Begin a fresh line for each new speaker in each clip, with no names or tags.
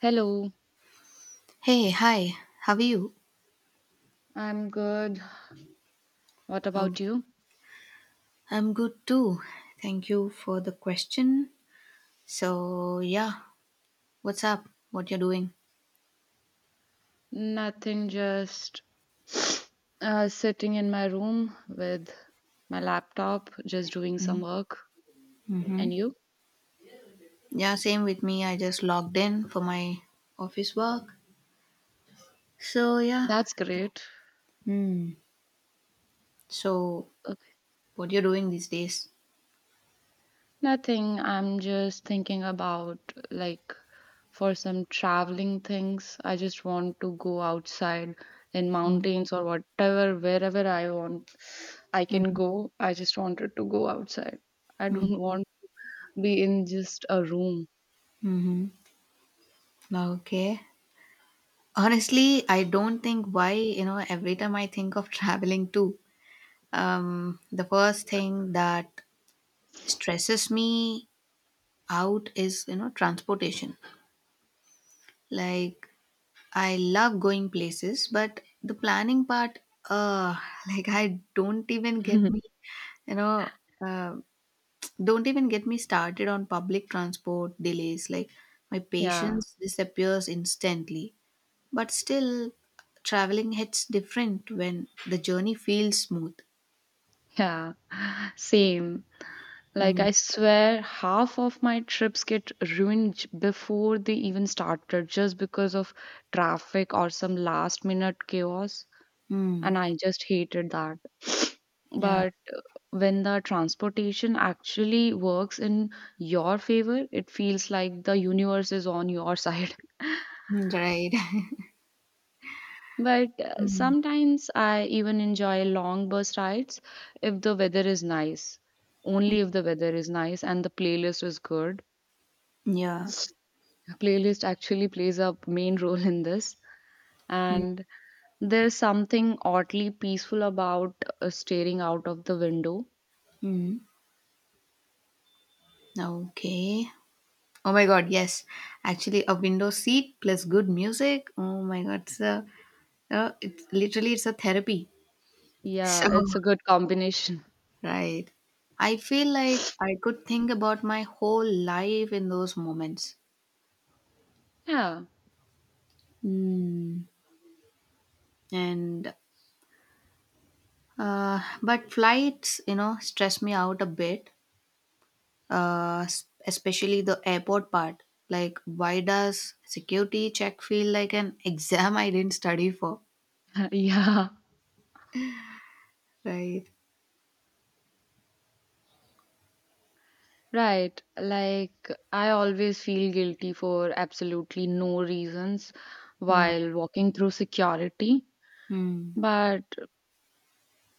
Hello,
Hey, hi, how are you?
I'm good. What
Oh,
about you?
I'm good too. Thank you for the question. So, yeah, what's up? What you're doing?
Nothing, just sitting in my room with my laptop, just doing some work.
Mm-hmm.
And you?
Yeah, same with me. I just logged in for my office work. So, yeah.
That's great.
Hmm. So,
Okay.
what you're doing these days?
Nothing, I'm just thinking about like for some traveling things. I just want to go outside in mountains or whatever, wherever I want, I can
Mm-hmm.
go. I just wanted to go outside. I don't want be in just a room.
Mm-hmm. Okay. Honestly, I don't think why, every time I think of traveling too, the first thing that stresses me out is transportation, like I love going places, but the planning part, uh like I don't even get me, you know uh, don't even get me started on public transport delays. Like, my
Yeah,
patience disappears instantly, but still, traveling hits different when the journey feels smooth.
yeah, same. Like,
Mm.
I swear, half of my trips get ruined before they even started just because of traffic or some last minute chaos.
Mm.
And I just hated that.
Yeah.
But when the transportation actually works in your favor, it feels like the universe is on your side.
Mm, right.
But
Mm.
sometimes I even enjoy long bus rides if the weather is nice. Only if the weather is nice and the playlist is good.
Yeah.
Playlist actually plays a main role in this.
Mm.
And there's something oddly peaceful about staring out of the window.
Mm. Okay. Oh my god, yes. Actually, a window seat plus good music. Oh my god, it's a, it's literally it's a therapy.
Yeah,
So
it's a good combination.
right, I feel like I could think about my whole life in those moments.
Yeah,
Mm. And but flights, you know, stress me out a bit. Especially the airport part. Like, why does security check feel like an exam I didn't study for?
yeah,
Right.
right. Like, I always feel guilty for absolutely no reasons
Hmm.
while walking through security.
Hmm.
But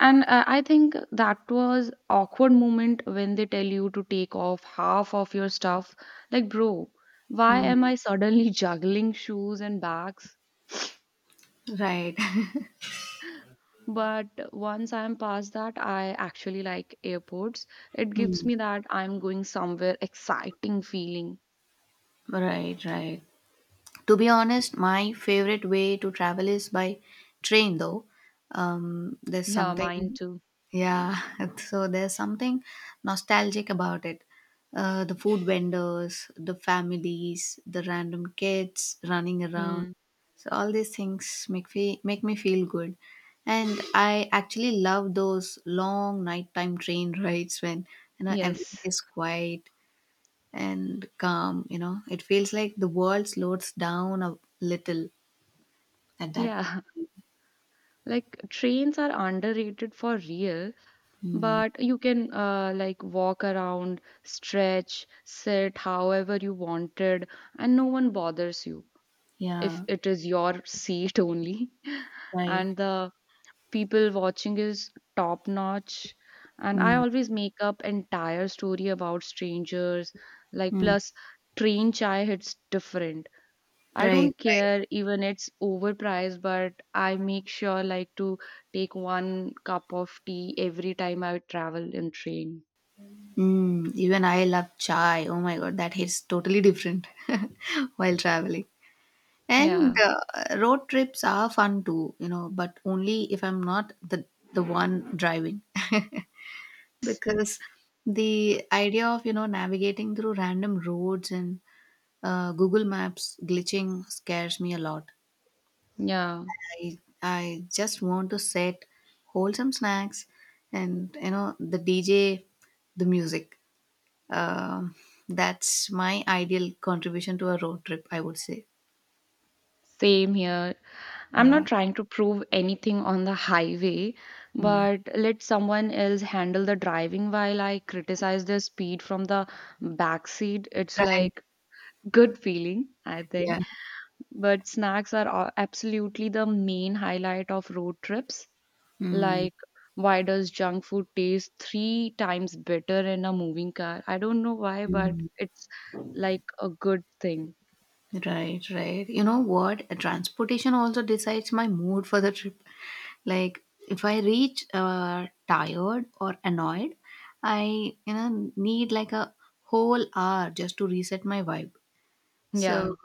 and I think that was awkward moment when they tell you to take off half of your stuff. Like, bro, why
Hmm.
am I suddenly juggling shoes and bags?
Right.
But once I'm past that, I actually like airports. It gives
Hmm.
me that I'm going somewhere exciting feeling.
Right, right. To be honest, my favorite way to travel is by train though. There's
Yeah, mine
something,
too.
yeah, so there's something nostalgic about it. The food vendors, the families, the random kids running around.
Mm.
So all these things make me feel good. And I actually love those long nighttime train rides when, you know, everything
Yes.
is quiet and calm. You know, it feels like the world slows down a little at that.
Yeah. Like trains are underrated for real.
Mm.
But you can like walk around, stretch, sit however you wanted, and no one bothers you if
Yeah.
it is your seat only.
Right.
And the people watching is top notch. And I
Mm.
always make up entire story about strangers. Like
Mm.
plus, train chai hits different. I
Right.
don't care even it's overpriced, but I make sure like to take one cup of tea every time I travel in train.
Mm. Even I love chai. Oh my god, that hits totally different. While traveling, and
Yeah,
road trips are fun too, you know, but only if I'm not the one driving. Because the idea of, you know, navigating through random roads and, Google Maps glitching scares me a lot.
yeah,
I just want to set wholesome snacks and, you know, the DJ, the music. Um, that's my ideal contribution to a road trip, I would say.
same here. I'm
Yeah.
not trying to prove anything on the highway,
Mm.
but let someone else handle the driving while I criticize their speed from the back seat. It's
Right.
like good feeling, I think.
Yeah.
But snacks are absolutely the main highlight of road trips.
Mm,
Like, why does junk food taste three times better in a moving car? I don't know why, but
mm.
it's like a good thing.
Right, right. You know what? Transportation also decides my mood for the trip. Like, if I reach tired or annoyed, I, you know, need like a whole hour just to reset my vibe.
Yeah.
So,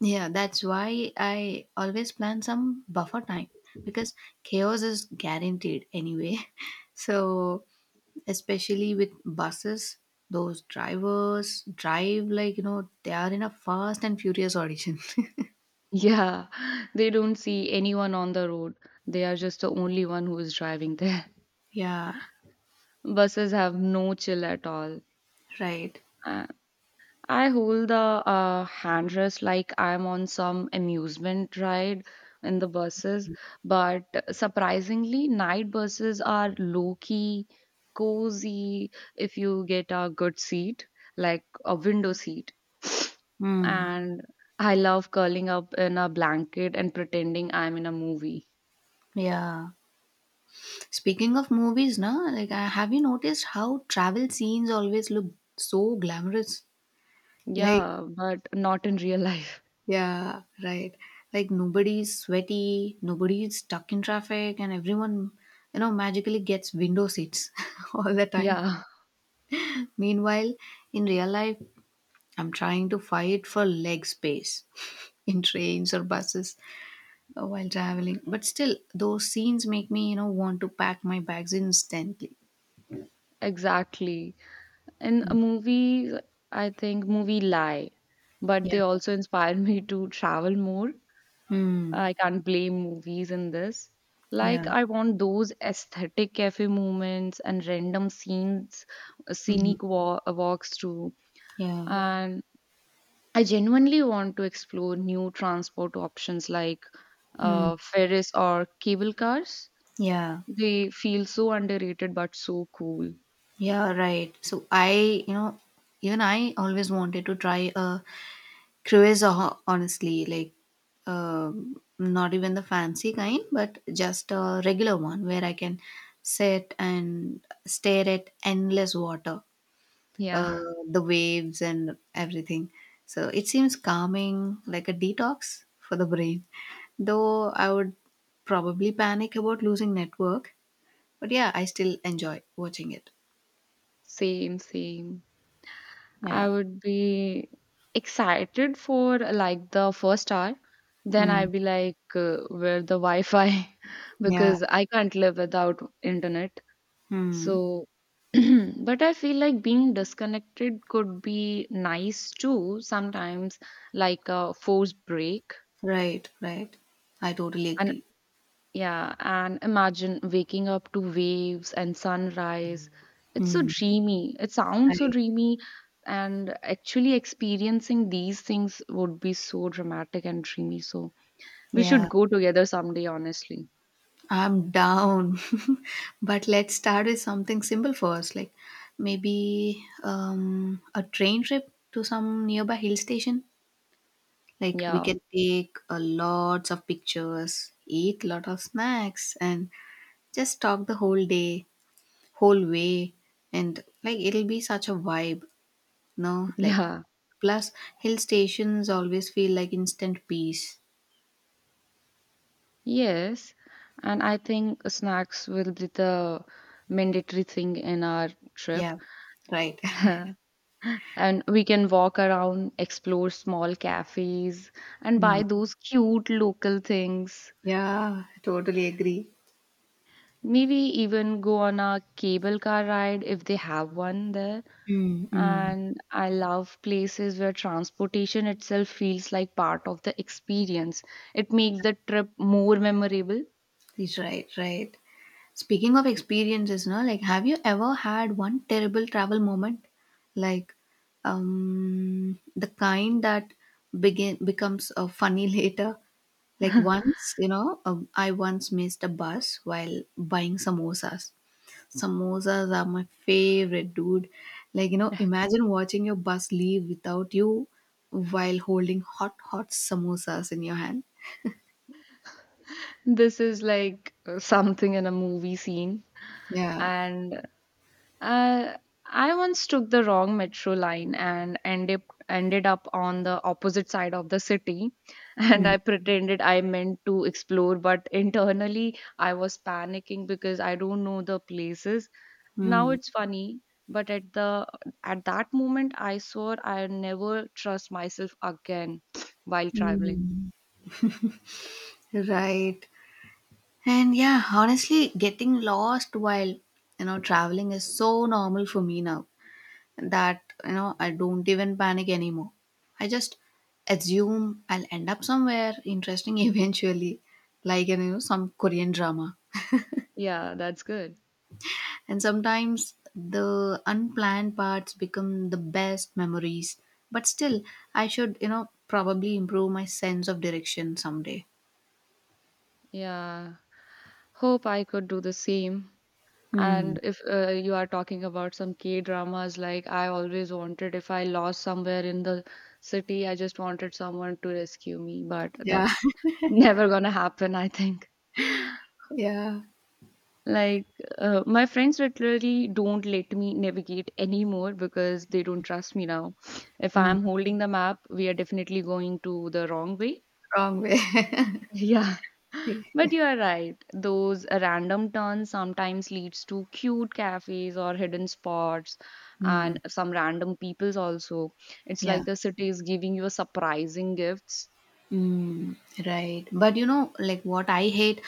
yeah, that's why I always plan some buffer time, because chaos is guaranteed anyway. So, especially with buses, those drivers drive like, you know, they are in a Fast and Furious audition.
Yeah. They don't see anyone on the road. They are just the only one who is driving there.
Yeah,
Buses have no chill at all.
right.
Uh, I hold the hand rest like I'm on some amusement ride in the buses, but surprisingly, night buses are low key, cozy if you get a good seat, like a window seat.
Hmm.
And I love curling up in a blanket and pretending I'm in a movie.
Yeah. Speaking of movies, na, like, have you noticed how travel scenes always look so glamorous? Like,
Yeah, but not in real life.
yeah, right. Like, nobody's sweaty, nobody's stuck in traffic, and everyone, you know, magically gets window seats all the time.
Yeah,
Meanwhile, in real life, I'm trying to fight for leg space in trains or buses, while traveling. But still, those scenes make me, you know, want to pack my bags instantly.
exactly. In a movie, I think movie lie, but
Yeah.
they also inspire me to travel more.
Hmm.
I can't blame movies in this.
Yeah.
Like I want those aesthetic cafe moments and random scenes,
Hmm.
scenic walks through,
Yeah.
and I genuinely want to explore new transport options like
Hmm.
Ferris or cable cars.
Yeah.
They feel so underrated but so cool.
Yeah. Right. So I, you know, even I always wanted to try a cruise, honestly, like, not even the fancy kind, but just a regular one where I can sit and stare at endless water, uh,
Yeah,
the waves and everything. So it seems calming, like a detox for the brain. Though I would probably panic about losing network, but yeah, I still enjoy watching it.
same, same.
Yeah.
I would be excited for like the first hour. Then
Hmm.
I'd be like, where the Wi-Fi?
Yeah.
Because I can't live without internet.
Hmm.
So, but I feel like being disconnected could be nice too sometimes, like a forced break.
Right. Right. I totally
An
agree.
Yeah, and imagine waking up to waves and sunrise. It's so
Hmm.
dreamy. It sounds so
Right.
dreamy, and actually experiencing these things would be so dramatic and dreamy. So we should
Yeah,
go together someday, honestly.
I'm down. But let's start with something simple first, like maybe, a train trip to some nearby hill station. Like, we
Yeah,
can take a lots of pictures, eat lot of snacks, and just talk the whole day, whole way, and like, it'll be such a vibe, no? Like,
yeah,
plus, hill stations always feel like instant peace.
yes. And I think snacks will be the mandatory thing in our trip.
Yeah, right.
And we can walk around, explore small cafes, and
Mm.
buy those cute local things.
Yeah, totally agree.
Maybe even go on a cable car ride if they have one there.
Mm, mm.
And I love places where transportation itself feels like part of the experience. It makes the trip more memorable.
He's right, right. Speaking of experiences, no, like, have you ever had one terrible travel moment? Like, the kind that begin becomes funny later. Like once, you know, I once missed a bus while buying samosas. Samosas are my favorite, dude. Like, you know, imagine watching your bus leave without you while holding hot, hot samosas in your hand.
This is like something in a movie scene.
Yeah.
And Uh, I once took the wrong metro line and ended up on the opposite side of the city and I
Mm.
pretended I meant to explore but internally I was panicking because I don't know the places. Now
Mm.
it's funny, but at that moment I swore I never trust myself again while traveling.
Mm, right. And yeah, honestly, getting lost while, you know, traveling is so normal for me now that, you know, I don't even panic anymore. I just assume I'll end up somewhere interesting eventually, like, you know, some Korean drama.
Yeah, that's good.
And sometimes the unplanned parts become the best memories. But still, I should, you know, probably improve my sense of direction someday.
Yeah. Hope I could do the same.
Hmm.
And if you are talking about some K dramas, like I always wanted, if I lost somewhere in the city, I just wanted someone to rescue me, but that
Yeah.
never gonna happen, I think.
Yeah.
Like, my friends literally don't let me navigate anymore because they don't trust me now. If
Hmm.
I'm holding the map, we are definitely going to the wrong way.
Wrong way.
Yeah, but you are right. Those random turns sometimes leads to cute cafes or hidden spots
Mm,
and some random peoples also. It's
yeah.
like the city is giving you a surprising gifts.
Mm, right. But you know, like, what I hate,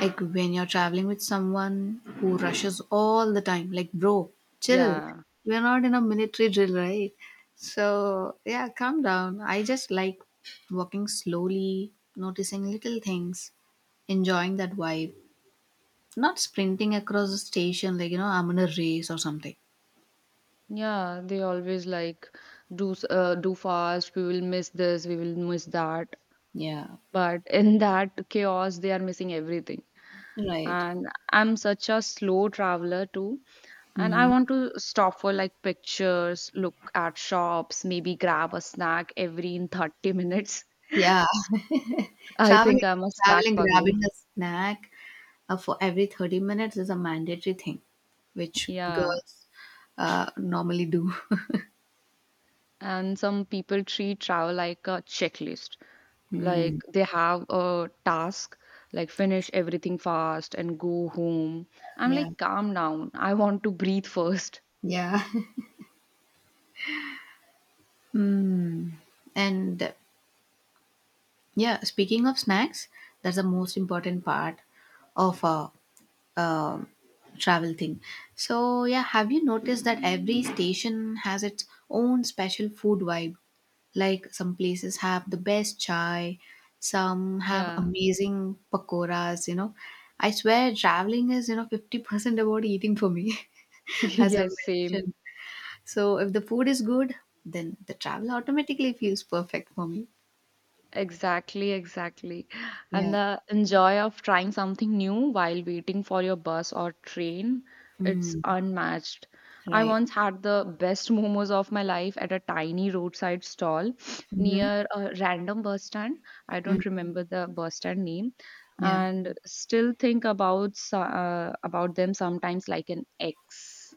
like, when you're traveling with someone who rushes all the time, like, bro, chill.
Yeah.
We're not in a military drill, right? So, yeah, calm down. I just like walking slowly, noticing little things, enjoying that vibe, not sprinting across the station, like, you know, I'm in a race or something.
Yeah, they always like do fast, we will miss this, we will miss that.
Yeah.
But in that chaos, they are missing everything.
Right.
And I'm such a slow traveler too. And I
Hmm.
want to stop for like pictures, look at shops, maybe grab a snack every in 30 minutes.
Yeah.
I
Traveling
think I'm a snack
Traveling,
pugly.
grabbing a snack for every 30 minutes is a mandatory thing, which
Yeah.
girls normally do.
And some people treat travel like a checklist.
Hmm.
Like they have a task, like finish everything fast and go home. I'm
Yeah.
like, calm down. I want to breathe first.
Yeah. Hmm. And yeah, speaking of snacks, that's the most important part of, um, travel thing. So yeah, have you noticed that every station has its own special food vibe? Like, some places have the best chai, some have
Yeah.
amazing pakoras. You know, I swear traveling is, you know, 50% about eating for me, as I
yes, same.
mentioned. So if the food is good, then the travel automatically feels perfect for me.
Exactly, exactly. And
Yeah.
the enjoy of trying something new while waiting for your bus or train, it's
Mm,
unmatched. I
right.
once had the best momos of my life at a tiny roadside stall
Mm-hmm.
near a random bus stand. I
Hmm.
don't remember the bus stand name
Yeah.
and still think about about them sometimes like an ex.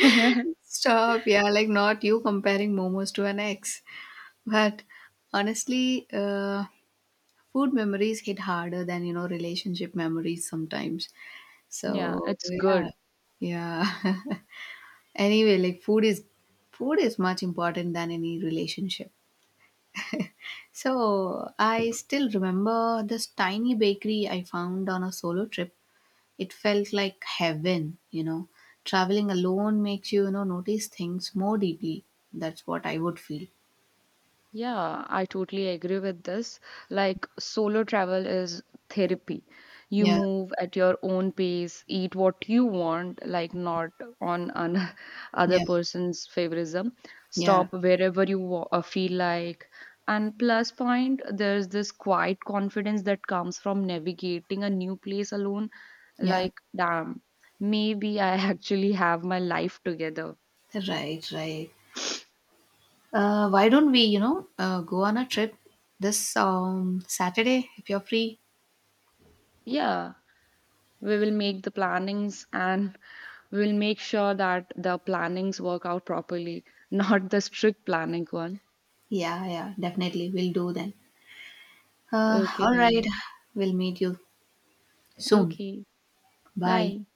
Stop, yeah, like, not you comparing momos to an ex. But honestly, food memories hit harder than, you know, relationship memories sometimes.
Yeah,
So,
it's
yeah,
good.
yeah. Anyway, like, food is much important than any relationship. So, I still remember this tiny bakery I found on a solo trip. It felt like heaven, you know. Traveling alone makes you, you know, notice things more deeply. That's what I would feel.
Yeah, I totally agree with this. Like, solo travel is therapy. You
Yeah,
move at your own pace, eat what you want, like not on an other
yeah,
person's favorism.
yeah,
Stop wherever you feel like. And plus point, there's this quiet confidence that comes from navigating a new place alone.
yeah.
Like, damn, maybe I actually have my life together.
Right, right. Why don't we, you know, go on a trip this, Saturday, if you're free?
Yeah. We will make the plannings and we will make sure that the plannings work out properly, not the strict planning one.
Yeah, yeah, definitely. We'll do then.
Okay,
All right.
then.
We'll meet you soon.
Okay.
Bye.
Bye.